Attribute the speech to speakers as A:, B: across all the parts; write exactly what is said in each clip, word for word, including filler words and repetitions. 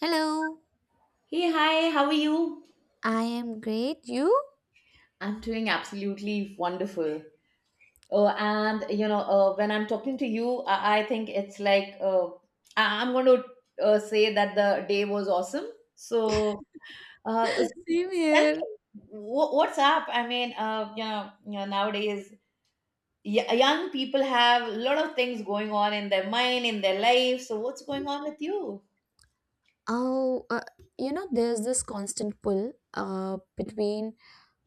A: Hello,
B: Hey, hi, how are you?
A: I am great. You?
B: I'm doing absolutely wonderful. Oh, and you know, uh, when I'm talking to you, I, I think it's like uh, I- I'm going to uh, say that the day was awesome. So, uh, s-
A: Same
B: Tell
A: here.
B: me, wh- what's up? I mean, uh, you know, you know, nowadays y- young people have a lot of things going on in their mind, in their life. So, what's going on with you?
A: Oh, uh, you know, there's this constant pull uh, between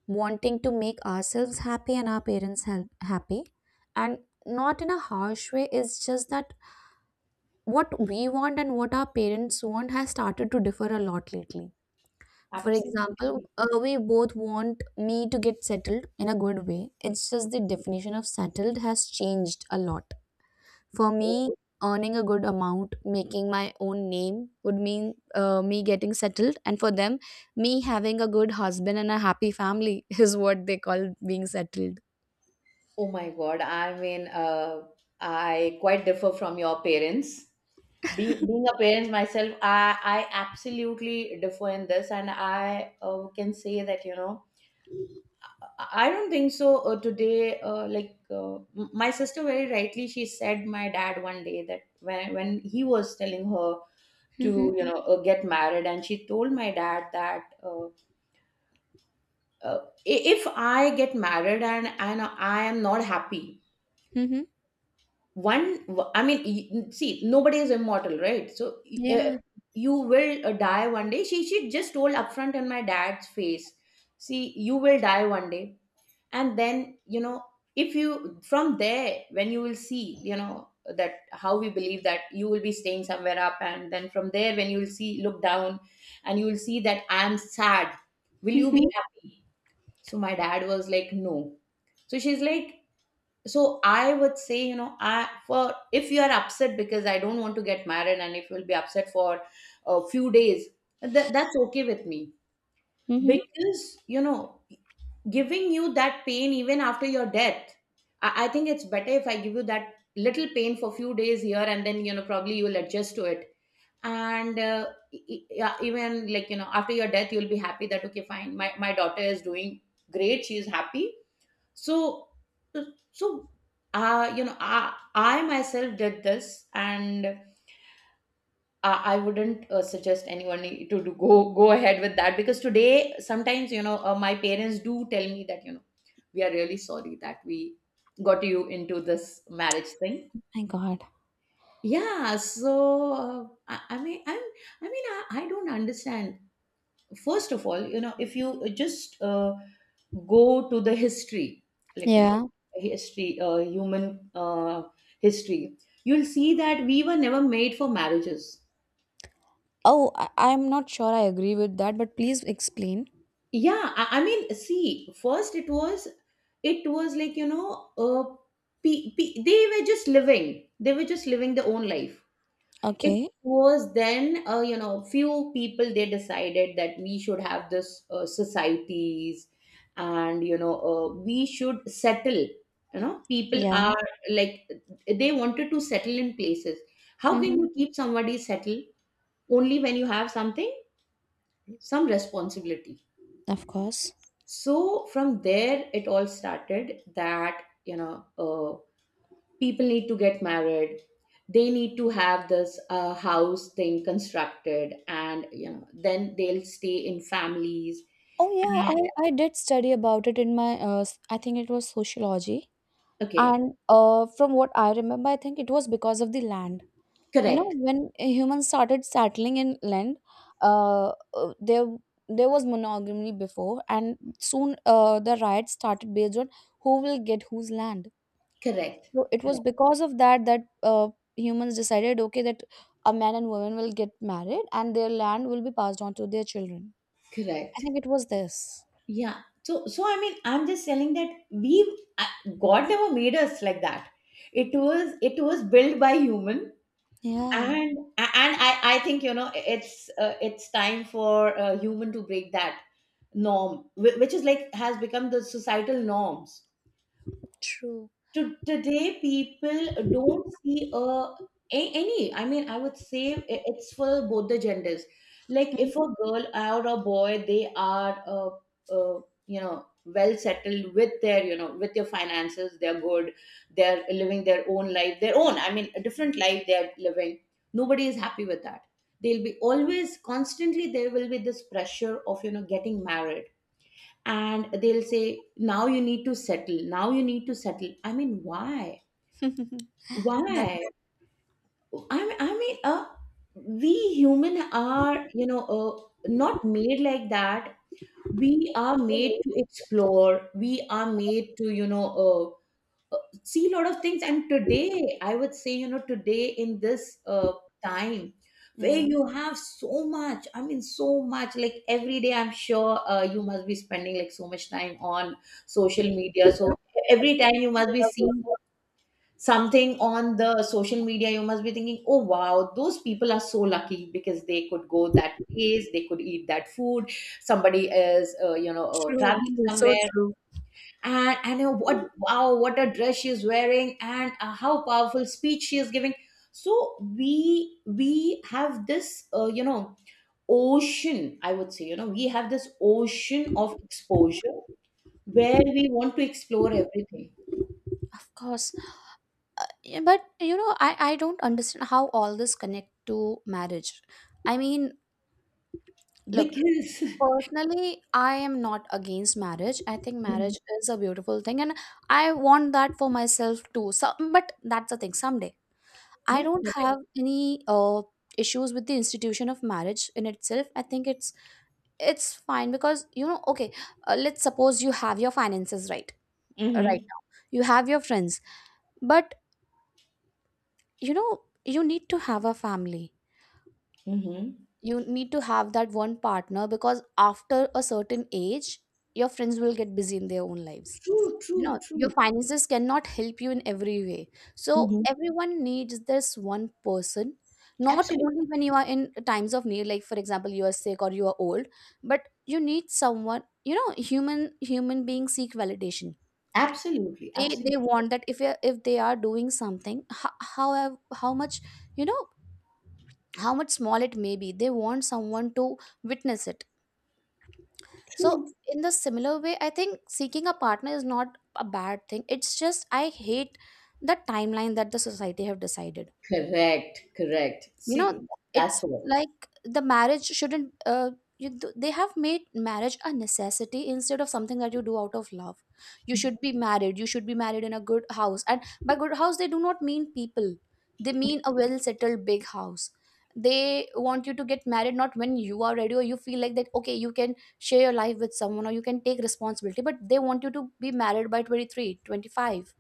A: wanting to make ourselves happy and our parents ha- happy. And not in a harsh way, it's just that what we want and what our parents want has started to differ a lot lately. For example,
B: Absolutely.
A: uh, we both want me to get settled in a good way. It's just the definition of settled has changed a lot. For me, earning a good amount, making my own name would mean uh, me getting settled. And for them, me having a good husband and a happy family is what they call being settled.
B: Oh my God. I mean, uh, I quite differ from your parents. Being, being a parent myself, I, I absolutely differ in this, and I uh, can say that, you know, I I don't think so uh, today. Uh, like, uh, m- my sister very rightly, she said my dad one day that when, when he was telling her
A: Mm-hmm.
B: to, you know, uh, get married, and she told my dad that uh, uh, i- if I get married and, and I am not happy,
A: Mm-hmm.
B: one, I mean y- see, nobody is immortal, right? So uh,
A: Yeah.
B: you will uh, die one day. She she just told upfront in my dad's face, see, you will die one day, and then, you know, if you from there when you will see, you know, that how we believe that you will be staying somewhere up, and then from there when you will see, look down, and you will see that I am sad, will you
A: Mm-hmm.
B: be happy? So my dad was like no. So she's like, so I would say, you know, I for if you are upset because I don't want to get married, and if you'll be upset for a few days, that, that's okay with me.
A: Mm-hmm.
B: Because, you know, giving you that pain even after your death, I, I think it's better if I give you that little pain for few days here, and then, you know, probably you'll adjust to it. And uh, e- e- yeah, even, like, you know, after your death, you'll be happy that okay fine, my, my daughter is doing great, she is happy. So uh, so uh, you know, I, I myself did this, and I, I wouldn't uh, suggest anyone to, to go go ahead with that, because today sometimes, you know, uh, my parents do tell me that, you know, we are really sorry that we got you into this marriage thing.
A: My God.
B: Yeah, so uh, I, I mean, I'm, I mean, I, I don't understand. First of all, you know, if you just uh, go to the history, like, you know,
A: Yeah.
B: history, uh, human uh, history, you'll see that we were never made for marriages.
A: Oh, I- I'm not sure I agree with that, but please explain.
B: Yeah, i, I mean, see, first it was, it was like, you know, uh, pe- pe- they were just living, they were just living their own life. It
A: Okay.
B: was then, uh, you know, few people they decided that we should have this uh, societies, and, you know, uh, we should settle. You know, people
A: Yeah.
B: are like, they wanted to settle in places. How can
A: Mm-hmm.
B: you keep somebody settled? Only when you have something, some responsibility.
A: Of course.
B: So from there it all started that, you know, uh, people need to get married, they need to have this uh, house thing constructed, and, you know, then they'll stay in families.
A: Oh, yeah.
B: And
A: I, I did study about it in my, uh, s- I think it was sociology.
B: okay,
A: And uh, from what I remember, I think it was because of the land. You know,
B: correct,
A: when humans started settling in land, uh, uh, there there was monogamy before, and soon uh, the riots started based on who will get whose land.
B: correct,
A: So it was
B: correct,
A: because of that that uh, humans decided, okay, that a man and woman will get married, and their land will be passed on to their children. I
B: correct.
A: think it was this.
B: Yeah. So, so I mean, I'm just telling that we've uh, God never made us like that. It was it was built by human,
A: Yeah,
B: and and I I think, you know, it's uh, it's time for a human to break that norm, whi- which is like has become the societal norms.
A: true.
B: To today people don't see a, a- any, I mean, I would say i- it's for both the genders. Like if
A: Mhm.
B: a girl or a boy they are uh, uh, you know, well settled with their, you know, with their finances, they're good, they're living their own life, their own, I mean, a different life they're living, nobody is happy with that. They'll be always, constantly, there will be this pressure of, you know, getting married, and they'll say now you need to settle, now you need to settle. I mean, why?
A: that.
B: Why? i mean, I mean uh, we human are, you know, uh, not made like that. We are made to explore, we are made to, you know, uh, uh, see a lot of things. And today I would say, you know, today in this uh, time where
A: Yeah.
B: you have so much, I mean, so much, like every day, I'm sure, uh, you must be spending like so much time on social media. So every time you must be seeing something on the social media, you must be thinking, oh wow, those people are so lucky, because they could go that place, they could eat that food, somebody is, uh, you know, uh,
A: True,
B: traveling
A: true, so
B: somewhere,
A: true.
B: and and uh, what, wow, what a dress she's wearing, and uh, how powerful speech she is giving. So we we have this, uh, you know, ocean, I would say, you know, we have this ocean of exposure where we want to explore everything.
A: Of course. Uh, yeah, but you know, I, I don't understand how all this connect to marriage. I mean, look,
B: Because
A: personally, I am not against marriage. I think
B: Mhm.
A: marriage is a beautiful thing and I want that for myself too. So, but that's the thing, someday. I
B: Yeah.
A: don't have any uh issues with the institution of marriage in itself. I think it's it's fine because you know, okay, uh, let's suppose you have your finances right right
B: Mm-hmm.
A: now. You have your friends, but you know, you need to have a family.
B: Mm-hmm.
A: You need to have that one partner because after a certain age, your friends will get busy in their own lives.
B: True,
A: You
B: true,
A: know, your
B: true.
A: finances cannot help you in every way. So,
B: Mm-hmm.
A: everyone needs this one person, not only
B: Absolutely,
A: when you are in times of need, like for example, you are sick or you are old, but you need someone, you know, human human beings seek validation.
B: absolutely,
A: they
B: absolutely.
A: they want that if you're- if they are doing something how how, how much, you know, how much small it may be, they want someone to witness it. So
B: True.
A: in the similar way, I think seeking a partner is not a bad thing. It's just I hate the timeline that the society have decided.
B: Correct, correct,
A: You
B: see,
A: know,
B: that's
A: it's
B: what.
A: like the marriage shouldn't uh, you, th- they have made marriage a necessity instead of something that you do out of love. You should be married, you should be married in a good house, and by good house they do not mean people, they mean a well settled big house. They want you to get married not when you are ready or you feel like that okay you can share your life with someone or you can take responsibility, but they want you to be married by twenty three, twenty five.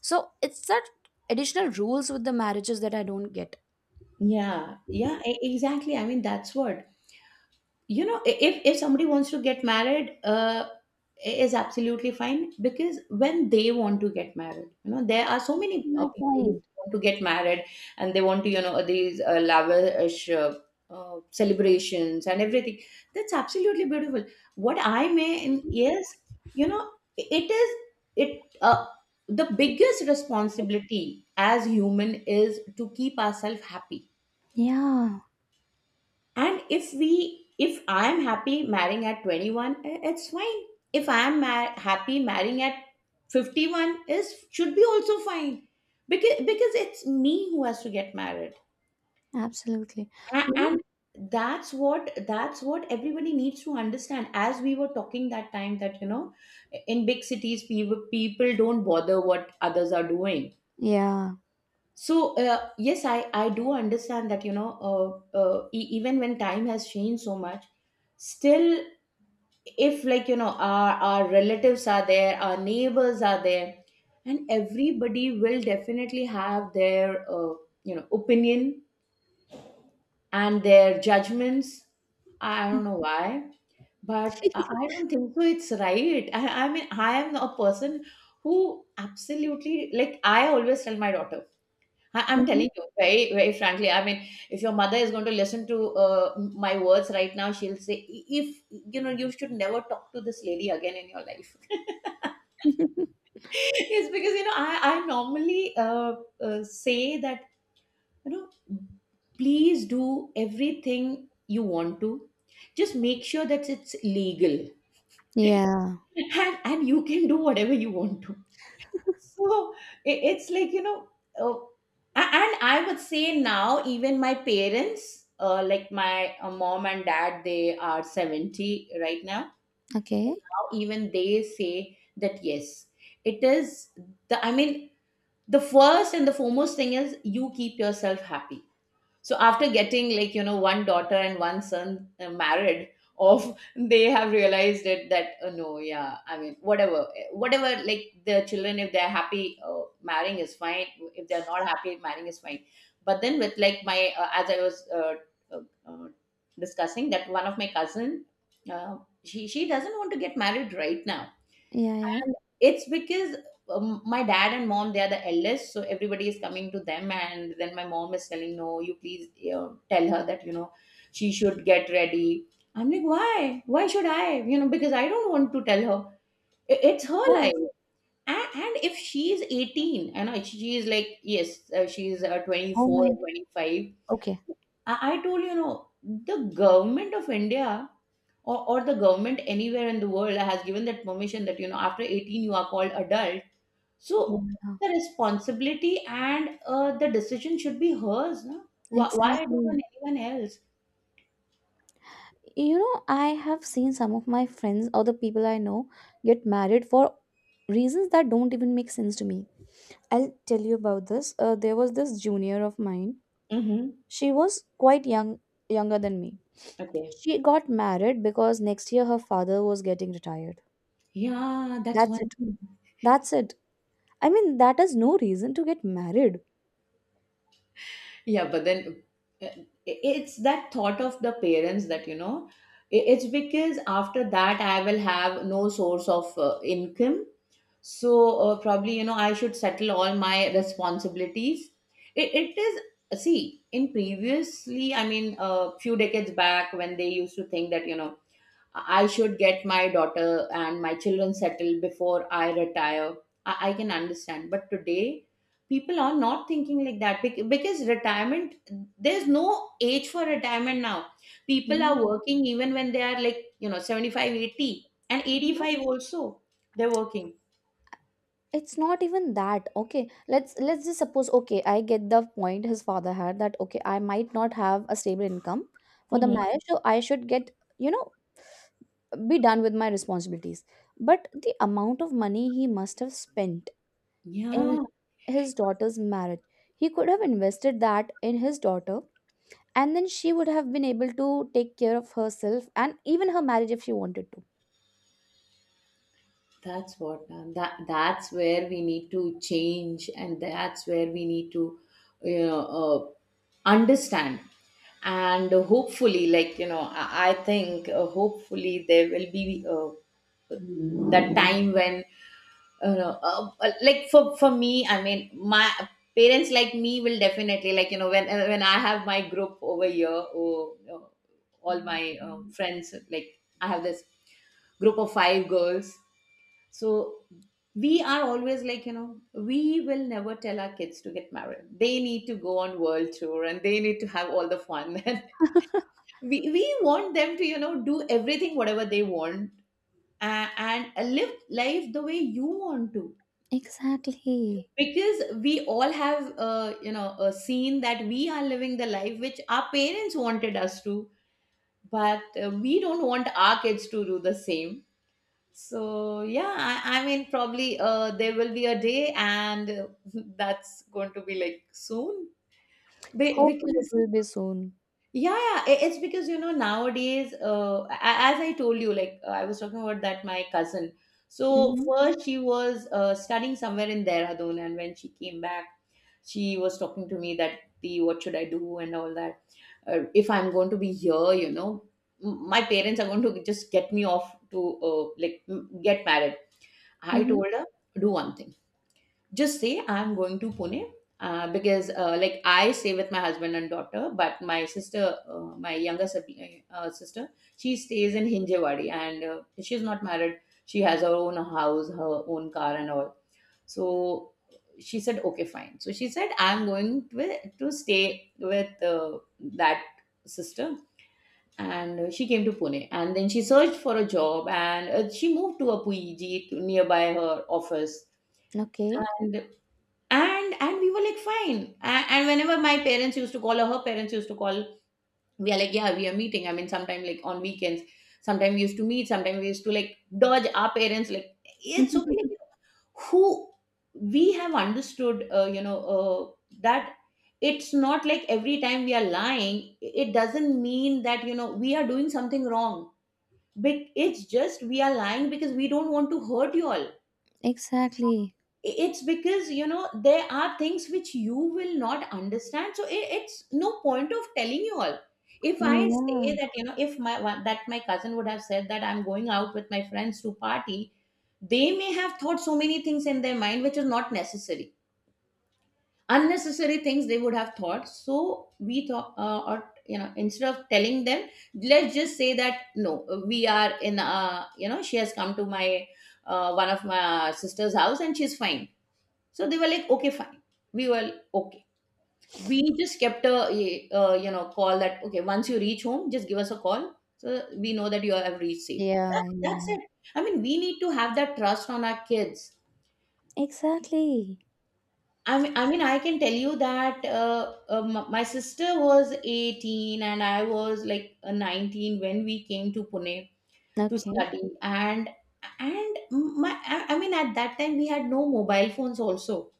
A: So it's that additional rules with the marriages that I don't get.
B: Yeah, yeah, e- exactly. I mean, that's what, you know. i- If if somebody wants to get married, uh, i- is absolutely fine, because when they want to get married, you know, there are so many
A: My
B: uh, people who
A: point.
B: want to get married, and they want to, you know, these uh, lavish uh, uh, celebrations and everything. That's absolutely beautiful. What I mean is, you know, I- it is it uh, the biggest responsibility as human is to keep ourselves happy.
A: Yeah,
B: And if we, if I am happy marrying at twenty-one, i- it's fine. If I am ma- happy marrying at fifty-one, is should be also fine, because because it's me who has to get married.
A: absolutely.
B: A-
A: You know?
B: and that's what that's what everybody needs to understand. As we were talking that time that, you know, in big cities, people people don't bother what others are doing.
A: Yeah.
B: So uh, yes, i I do understand that, you know, uh, uh, e- even when time has changed so much, still if, like, you know, our, our relatives are there, our neighbors are there, and everybody will definitely have their uh, you know, opinion and their judgments. I don't know why, but i I don't think so it's right. I, I mean, I am a person who absolutely, like, I always tell my daughter, I- I'm
A: Mhm.
B: telling you very, very frankly. I mean, if your mother is going to listen to uh, m- my words right now, she'll say, "I- If you know, you should never talk to this lady again in your life." It's because, you know, I I normally uh, uh, say that, you know, please do everything you want to. Just make sure that it's legal,
A: Yeah.
B: and and you can do whatever you want to. So i- it's like, you know, uh, a- and I would say now, even my parents, uh, like my uh, mom and dad, they are seventy right now. So
A: Okay.
B: now, even they say that yes, it is the, I mean, the first and the foremost thing is you keep yourself happy. So after getting, like, you know, one daughter and one son uh, married off, they have realized it that uh, no, yeah, I mean, whatever, eh, whatever, like the children, if they're happy, uh, marrying is fine. If they're not happy, marrying is fine. But then with like my uh, as I was uh, uh, uh, discussing, that one of my cousin, uh, she she doesn't want to get married right now.
A: Yeah, yeah.
B: And it's because, um, my dad and mom, they are the eldest, so everybody is coming to them, and then my mom is telling, "No, you please, you know, tell her that, you know, she should get ready." I'm like, "Why? Why should I? You know, because I don't want to tell her. I- It's her
A: Oh, yes.
B: life." And, and if she's eighteen, I know. She's like, yes, uh, she's uh,
A: Oh
B: twenty-four
A: my.
B: or twenty-five.
A: Okay.
B: I, I told, you know, the government of India, or, or the government anywhere in the world, has given that permission that, you know, after eighteen you are called adult. So
A: Yeah.
B: the responsibility and uh, the decision should be hers. No? Why, why do
A: Exactly.
B: on anyone else?
A: You know, I have seen some of my friends or the people I know get married for reasons that don't even make sense to me. I'll tell you about this. Uh, there was this junior of mine.
B: Mm-hmm.
A: She was quite young, younger than me.
B: Okay.
A: She got married because next year her father was getting retired.
B: Yeah, that's
A: That's
B: one
A: it.
B: thing.
A: That's it. I mean, that is no reason to get married.
B: Yeah, but then uh, it's that thought of the parents that, you know, i- it's because after that I will have no source of uh, income. So uh, probably, you know, I should settle all my responsibilities. It, it is, see, in previously, I mean, a few decades back when they used to think that, you know, I should get my daughter and my children settled before I retire. I, I can understand. But today, people are not thinking like that bec- because retirement, there's no age for retirement now. People are
A: Yeah,
B: working even when they are like, you know, seventy five, eighty, and
A: yeah.
B: eighty five also, they're working.
A: It's not even that. Okay. Let's let's just suppose, okay, I get the point his father had that okay, I might not have a stable income for the
B: Hmm.
A: marriage, so I should get, you know, be done with my responsibilities. But the amount of money he must have spent
B: Yeah.
A: in his daughter's marriage, he could have invested that in his daughter, and then she would have been able to take care of herself and even her marriage if she wanted to.
B: That's what, ma'am. That that's where we need to change, and that's where we need to, you know, uh, understand. And hopefully, like you know, I, I think uh, hopefully there will be uh, that time when you know, uh, uh, like for for me, I mean, my parents like me will definitely like you know when uh, when I have my group over here, oh, uh, all my uh, friends like I have this group of five girls so we are always like, you know, we will never tell our kids to get married. They need to go on world tour and they need to have all the fun. And we, we want them to, you know, do everything, whatever they want uh, and live life the way you want to.
A: Exactly.
B: Because we all have, uh, you know, uh, seen that we are living the life which our parents wanted us to, but uh, we don't want our kids to do the same. So yeah, I, I mean probably uh, there will be a day and uh, that's going to be like soon. Be-
A: Hopefully, it
B: because
A: will be soon.
B: yeah, yeah, i- it's because you know nowadays, uh, a- as I told you, like uh, I was talking about that my cousin. So
A: Mm-hmm.
B: first she was uh, studying somewhere in Dehradun, and when she came back, she was talking to me that the what should I do and all that. Uh, if I'm going to be here, you know, m- my parents are going to just get me off to uh, like m- get married. I
A: Mm-hmm.
B: told her, do one thing. Just say I'm going to Pune uh, because, uh, like, I stay with my husband and daughter, but my sister, uh, my younger sib- uh, sister, she stays in Hinjewadi and uh, she's not married. She has her own house, her own car, and all. So she said, okay, fine. So she said, I'm going to, to stay with uh, that sister, and she came to Pune. And then she searched for a job, and uh, she moved to a Puiji to nearby her office,
A: Okay.
B: and and and we were like fine and, and whenever my parents used to call or her parents used to call we are like, yeah, we are meeting, I mean, sometime like on weekends. Sometime we used to meet, sometime we used to like dodge our parents, like it's okay, like, who, we have understood uh, you know uh, that it's not like every time we are lying, it doesn't mean that you know we are doing something wrong. But it's just we are lying because we don't want to hurt you all.
A: Exactly.
B: It's because you know there are things which you will not understand, so it, it's no point of telling you all. If I
A: Yeah.
B: say that you know if my one- that my cousin would have said that I'm going out with my friends to party, they may have thought so many things in their mind which is not necessary. Unnecessary things they would have thought. So we thought, uh, or you know instead of telling them, let's just say that no, we are in, uh you know she has come to my uh, one of my sister's house and she's fine. So they were like, okay, fine. We were okay. We just kept a, uh, you know, call that, okay, once you reach home, just give us a call. So we know that you have reached safe.
A: Yeah,
B: That- that's
A: yeah.
B: it. I mean, we need to have that trust on our kids.
A: Exactly.
B: I mean, I mean, I can tell you that uh, uh, m- my sister was eighteen and I was like uh, nineteen when we came to Pune to
A: Okay.
B: study. And and my, I I mean, at that time we had no mobile phones also.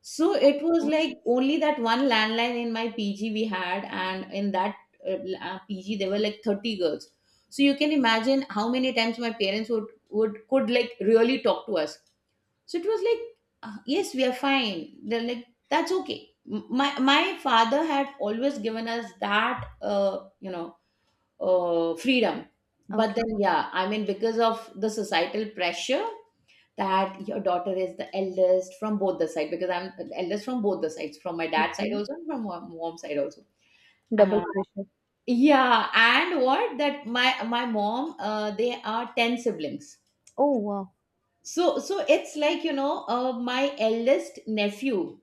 B: So it was
A: Yes.
B: like only that one landline in my P G we had, and in that uh, l- uh, P G there were like thirty girls. So you can imagine how many times my parents would would could like really talk to us. So it was like, uh, yes, we are fine. They're like, that's okay. M- My my father had always given us that uh, you know uh, freedom, but
A: Okay.
B: then yeah, I mean, because of the societal pressure that your daughter is the eldest from both the side, because I'm the eldest from both the sides, from my dad's side
A: Okay.
B: also and from my mom's side also.
A: Double
B: Uh,
A: pressure.
B: yeah, and what that my my mom, uh, they are ten siblings.
A: Oh wow.
B: So so it's like you know, uh, my eldest nephew,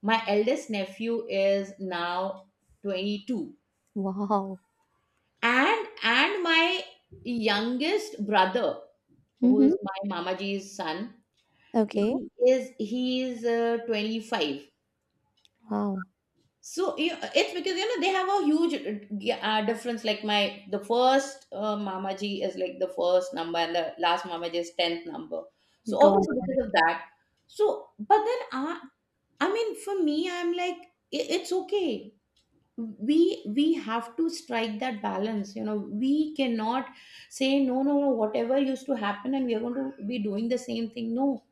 B: my eldest nephew is now twenty two,
A: Wow.
B: and and my youngest brother,
A: Mm-hmm.
B: who's my mamaji's son, he
A: Okay.
B: is he is uh, twenty five.
A: Wow.
B: So you, it's because you know they have a huge uh, uh, difference. Like my the first uh, Mamaji is like the first number, and the last Mamaji is tenth number. So
A: God.
B: obviously because of that. So but then I I mean, for me, I'm like i- it's okay. We we have to strike that balance. You know, we cannot say, no, no, no, whatever used to happen and we are going to be doing the same thing. No.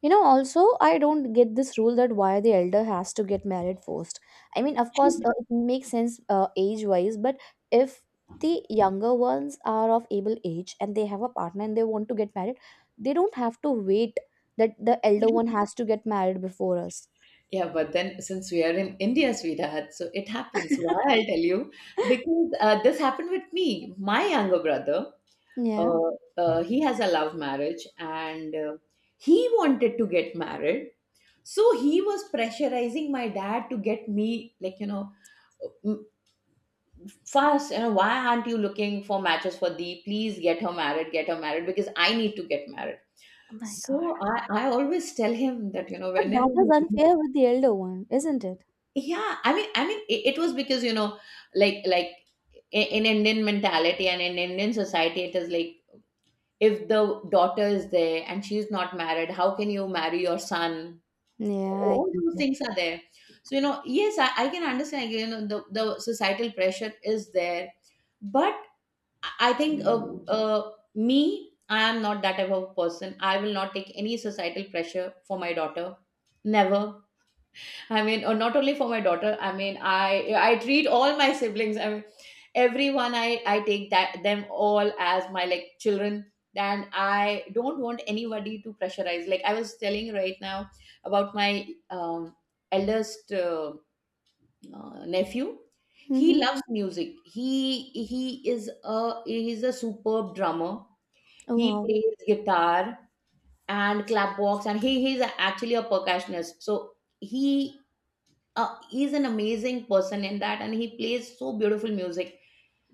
A: You know, also, I don't get this rule that why the elder has to get married first. I mean, of course, uh, it makes sense uh, age wise, but if the younger ones are of able age and they have a partner and they want to get married, they don't have to wait that the elder one has to get married before us.
B: Yeah, but then, since we are in India, sweetheart, so it happens. Why, I'll tell you, because uh, this happened with me. My younger brother,
A: Yeah.
B: uh, uh, he has a love marriage, and uh, he wanted to get married. So he was pressurizing my dad to get me, like you know, m- fast. You know, why aren't you looking for matches for thee? Please get her married, get her married, because I need to get married.
A: Oh my god.
B: So I, I always tell him that you know
A: But
B: whenever
A: that is
B: he
A: unfair with the elder one, isn't it?
B: yeah, i mean i mean it, it was because you know like like i- in indian mentality and in indian society, it is like if the daughter is there and she's not married, how can you marry your son?
A: Yeah, I
B: All
A: get
B: those
A: it.
B: things are there. So you know yes, i, I can understand, you know the, the societal pressure is there, but i I think uh, uh, me I am not that type of person. I will not take any societal pressure for my daughter, never. I mean, or not only for my daughter. I mean, I I treat all my siblings. I mean, everyone. I I take that them all as my like children, and I don't want anybody to pressurize. Like I was telling right now about my um, eldest uh, uh, nephew. He
A: Mm-hmm.
B: loves music. He he is a he is a superb drummer.
A: Oh
B: He
A: wow.
B: plays guitar and clapbox, and he he's actually a percussionist. So he uh, he's an amazing person in that, and he plays so beautiful music,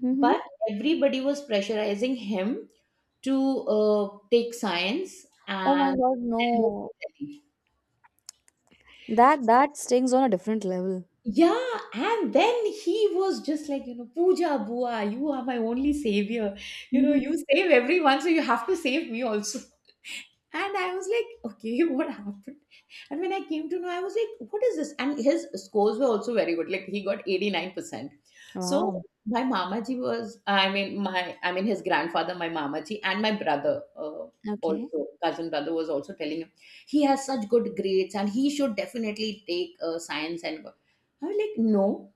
A: Mm-hmm.
B: but everybody was pressurizing him to uh, take science
A: Oh my
B: and
A: god,
B: then move to
A: no.
B: Delhi.
A: That that stings on a different level.
B: Yeah, and then he was just like, you know, Pooja Bua, you are my only savior. You know, you save everyone, so you have to save me also. And I was like, okay, what happened? And when I came to know, I was like, what is this? And his scores were also very good. Like, he got eighty nine percent. So
A: Wow,
B: my mamaji was, I mean, my, I mean, his grandfather, my mamaji, and my brother, uh,
A: okay.
B: also, cousin brother, was also telling him he has such good grades and he should definitely take uh, science and go. I was like, no,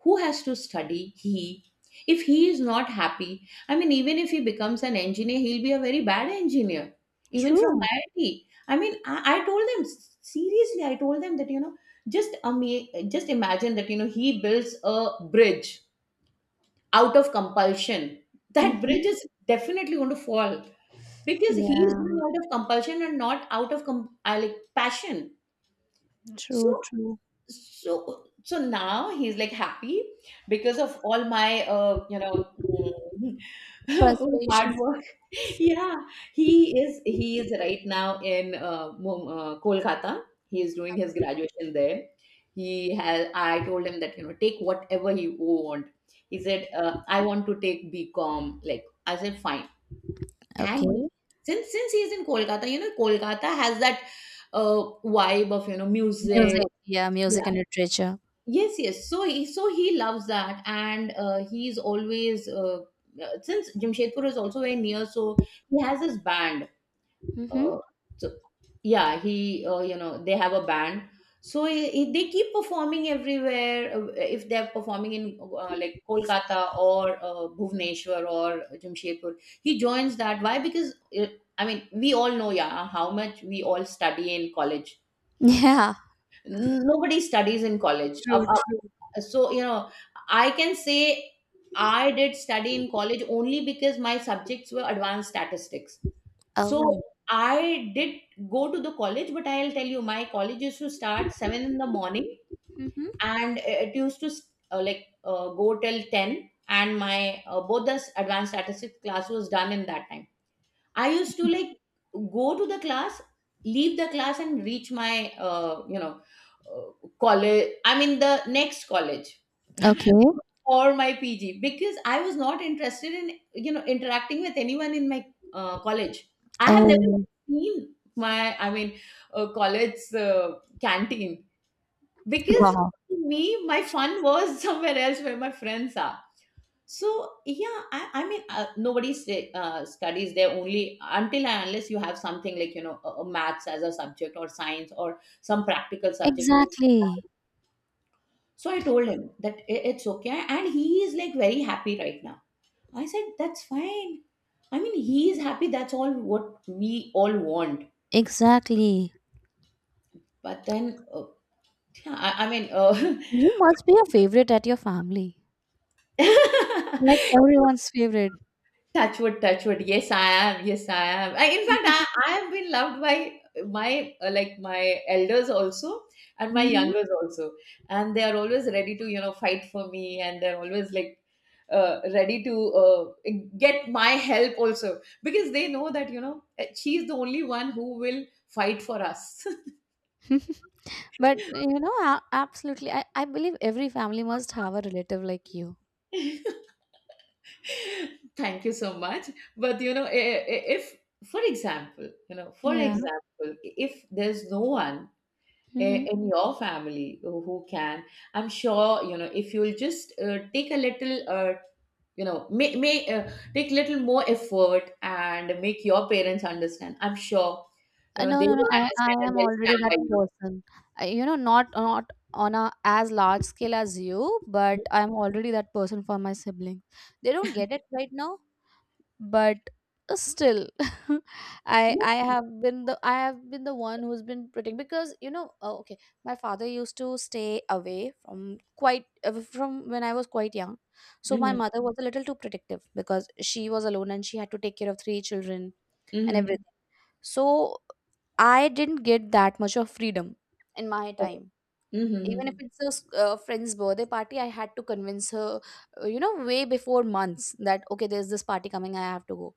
B: who has to study? He If he is not happy, I mean, even if he becomes an engineer, he'll be a very bad engineer, even from
A: True.
B: iit I T. I mean i, I told them seriously, I told them that you know, just ama- just imagine that you know he builds a bridge out of compulsion. That
A: Hmm.
B: bridge is definitely going to fall because he is
A: Yeah,
B: doing out of compulsion and not out of com- uh, like passion. so
A: true, true.
B: so so now he's like happy because of all my uh, you know, mm, hard
A: Persuasion.
B: work. Yeah, he is he is right now in uh, Mum- uh, kolkata. He is doing his graduation there. He has, I told him that you know, take whatever you want. He said, uh, I want to take bcom, like I said fine. and he-
A: Okay.
B: since since he is in kolkata, you know kolkata has that uh, vibe of you know music.
A: Music. Yeah, music
B: Yeah,
A: and literature.
B: yes yes so he, so he loves that, and uh, he's always uh, uh, since jamshedpur is also very near, so he has his band.
A: Mm-hmm.
B: uh, so yeah, he, uh, you know, they have a band. So he, he- they keep performing everywhere. Uh, if they're performing in uh, like kolkata or uh, bhubaneswar or jamshedpur, he joins that. Why? Because uh, I mean we all know, yeah, how much we all study in college.
A: Yeah.
B: Nobody studies in college.
A: True, true.
B: So you know, I can say I did study in college only because my subjects were advanced statistics. So
A: Oh.
B: I did go to the college, but I'll tell you, my college used to start seven in the morning,
A: Mm-hmm.
B: and it used to uh, like uh, go till ten, and my uh, both the advanced statistics class was done in that time. I used to like go to the class, leave the class, and reach my uh, you know uh, college, I mean the next college,
A: Okay.
B: or my P G, because I was not interested in you know interacting with anyone in my uh, college. I have never
A: Oh,
B: seen my, I mean, uh, college uh, canteen, because
A: wow.
B: to me my fun was somewhere else, where my friends are. So yeah, I, I mean, uh, nobody sta- uh, studies there, only until and unless you have something like you know a, a maths as a subject or science or some practical subject.
A: Exactly.
B: So I told him that i- it's okay. And he is like very happy right now. I said, that's fine. I mean, he is happy. That's all what we all want.
A: Exactly.
B: But then, uh, yeah, I, I mean,
A: You must be a favorite at your family.
B: uh,
A: Like everyone's favorite.
B: touchwood, touchwood. Yes, I am. Yes, I am. I, in fact, I, I have been loved by my uh, like my elders also, and my
A: Mm-hmm.
B: youngers also, and they are always ready to you know fight for me, and they're always like uh, ready to uh, get my help also, because they know that you know, she's the only one who will fight for us.
A: But you know, a- absolutely. I, I believe every family must have a relative like you.
B: Thank you so much. But you know, i- i- if, for example, you know, for
A: Yeah.
B: example, if there's no one i-
A: Mm-hmm.
B: in your family who who can, I'm sure you know if you'll just uh, take a little uh, you know may, may uh, take little more effort and make your parents understand, I'm sure you
A: Uh,
B: know
A: no,
B: they
A: no, no.
B: will
A: I,
B: understand
A: I
B: and
A: am
B: they'll
A: already
B: stand
A: that
B: by you.
A: person. I, you know, not not on a as large scale as you, but I'm already that person for my siblings. They don't get it right now, but uh, still, I I
B: Yeah.
A: have been the I have been the one who's been pretending because you know. Oh, okay, my father used to stay away from quite uh, from when I was quite young, so my
B: Mm-hmm.
A: mother was a little too protective because she was alone and she had to take care of three children and
B: Mm-hmm.
A: everything. So I didn't get that much of freedom in my
B: Okay.
A: time.
B: Mm-hmm.
A: Even if
B: Mm-hmm.
A: it's a s- uh, friend's birthday party, I had to convince her, uh, you know, way before months that okay, there's this party coming, I have to go.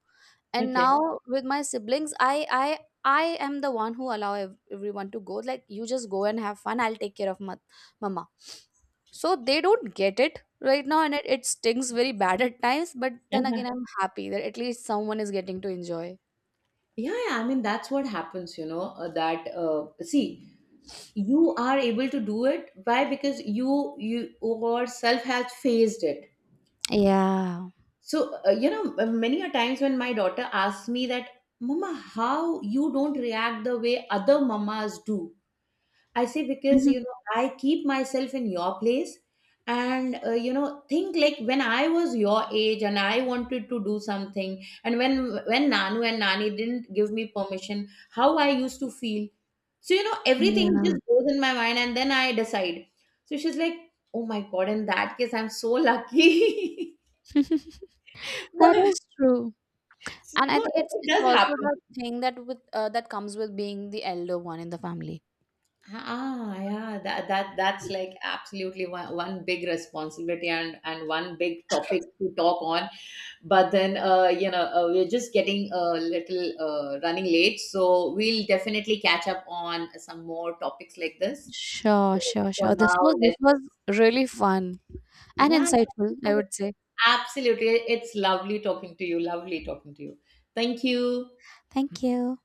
A: And
B: Okay.
A: now with my siblings, I I I am the one who allow ev- everyone to go. Like you just go and have fun. I'll take care of ma- mama. So they don't get it right now, and it, it stings very bad at times. But then
B: Uh-huh.
A: again, I'm happy that at least someone is getting to enjoy.
B: Yeah, yeah, I mean that's what happens, you know, uh, that uh, see, you are able to do it, why? Because you you yourself has faced it.
A: Yeah.
B: So, uh, you know, uh, many a times when my daughter asks me that, mama, how you don't react the way other mamas do? I say, because, you know, I keep myself in your place and, uh, you know, think like when I was your age and I wanted to do something, and when, when Nanu and Nani didn't give me permission, how I used to feel. So, you know, everything
A: Yeah.
B: just goes in my mind and then I decide. So she's like, oh my God, in that case, I'm so lucky.
A: That
B: But
A: is true.
B: so
A: And I think
B: it
A: it's
B: it
A: it's
B: does
A: also
B: happen.
A: the thing that with uh, that comes with being the elder one in the family.
B: Ah, yeah, that that that's like absolutely one, one big responsibility, and and one big topic to talk on. But then, uh, you know, uh, we're just getting a little uh, running late, so we'll definitely catch up on some more topics like this. So
A: Sure, sure,
B: for
A: sure. This
B: now,
A: was this
B: let's,
A: was really fun and
B: yeah, thank you
A: insightful,
B: so
A: I
B: much.
A: would say.
B: Absolutely. It's lovely talking to you. Lovely talking to you. Thank you.
A: Thank you.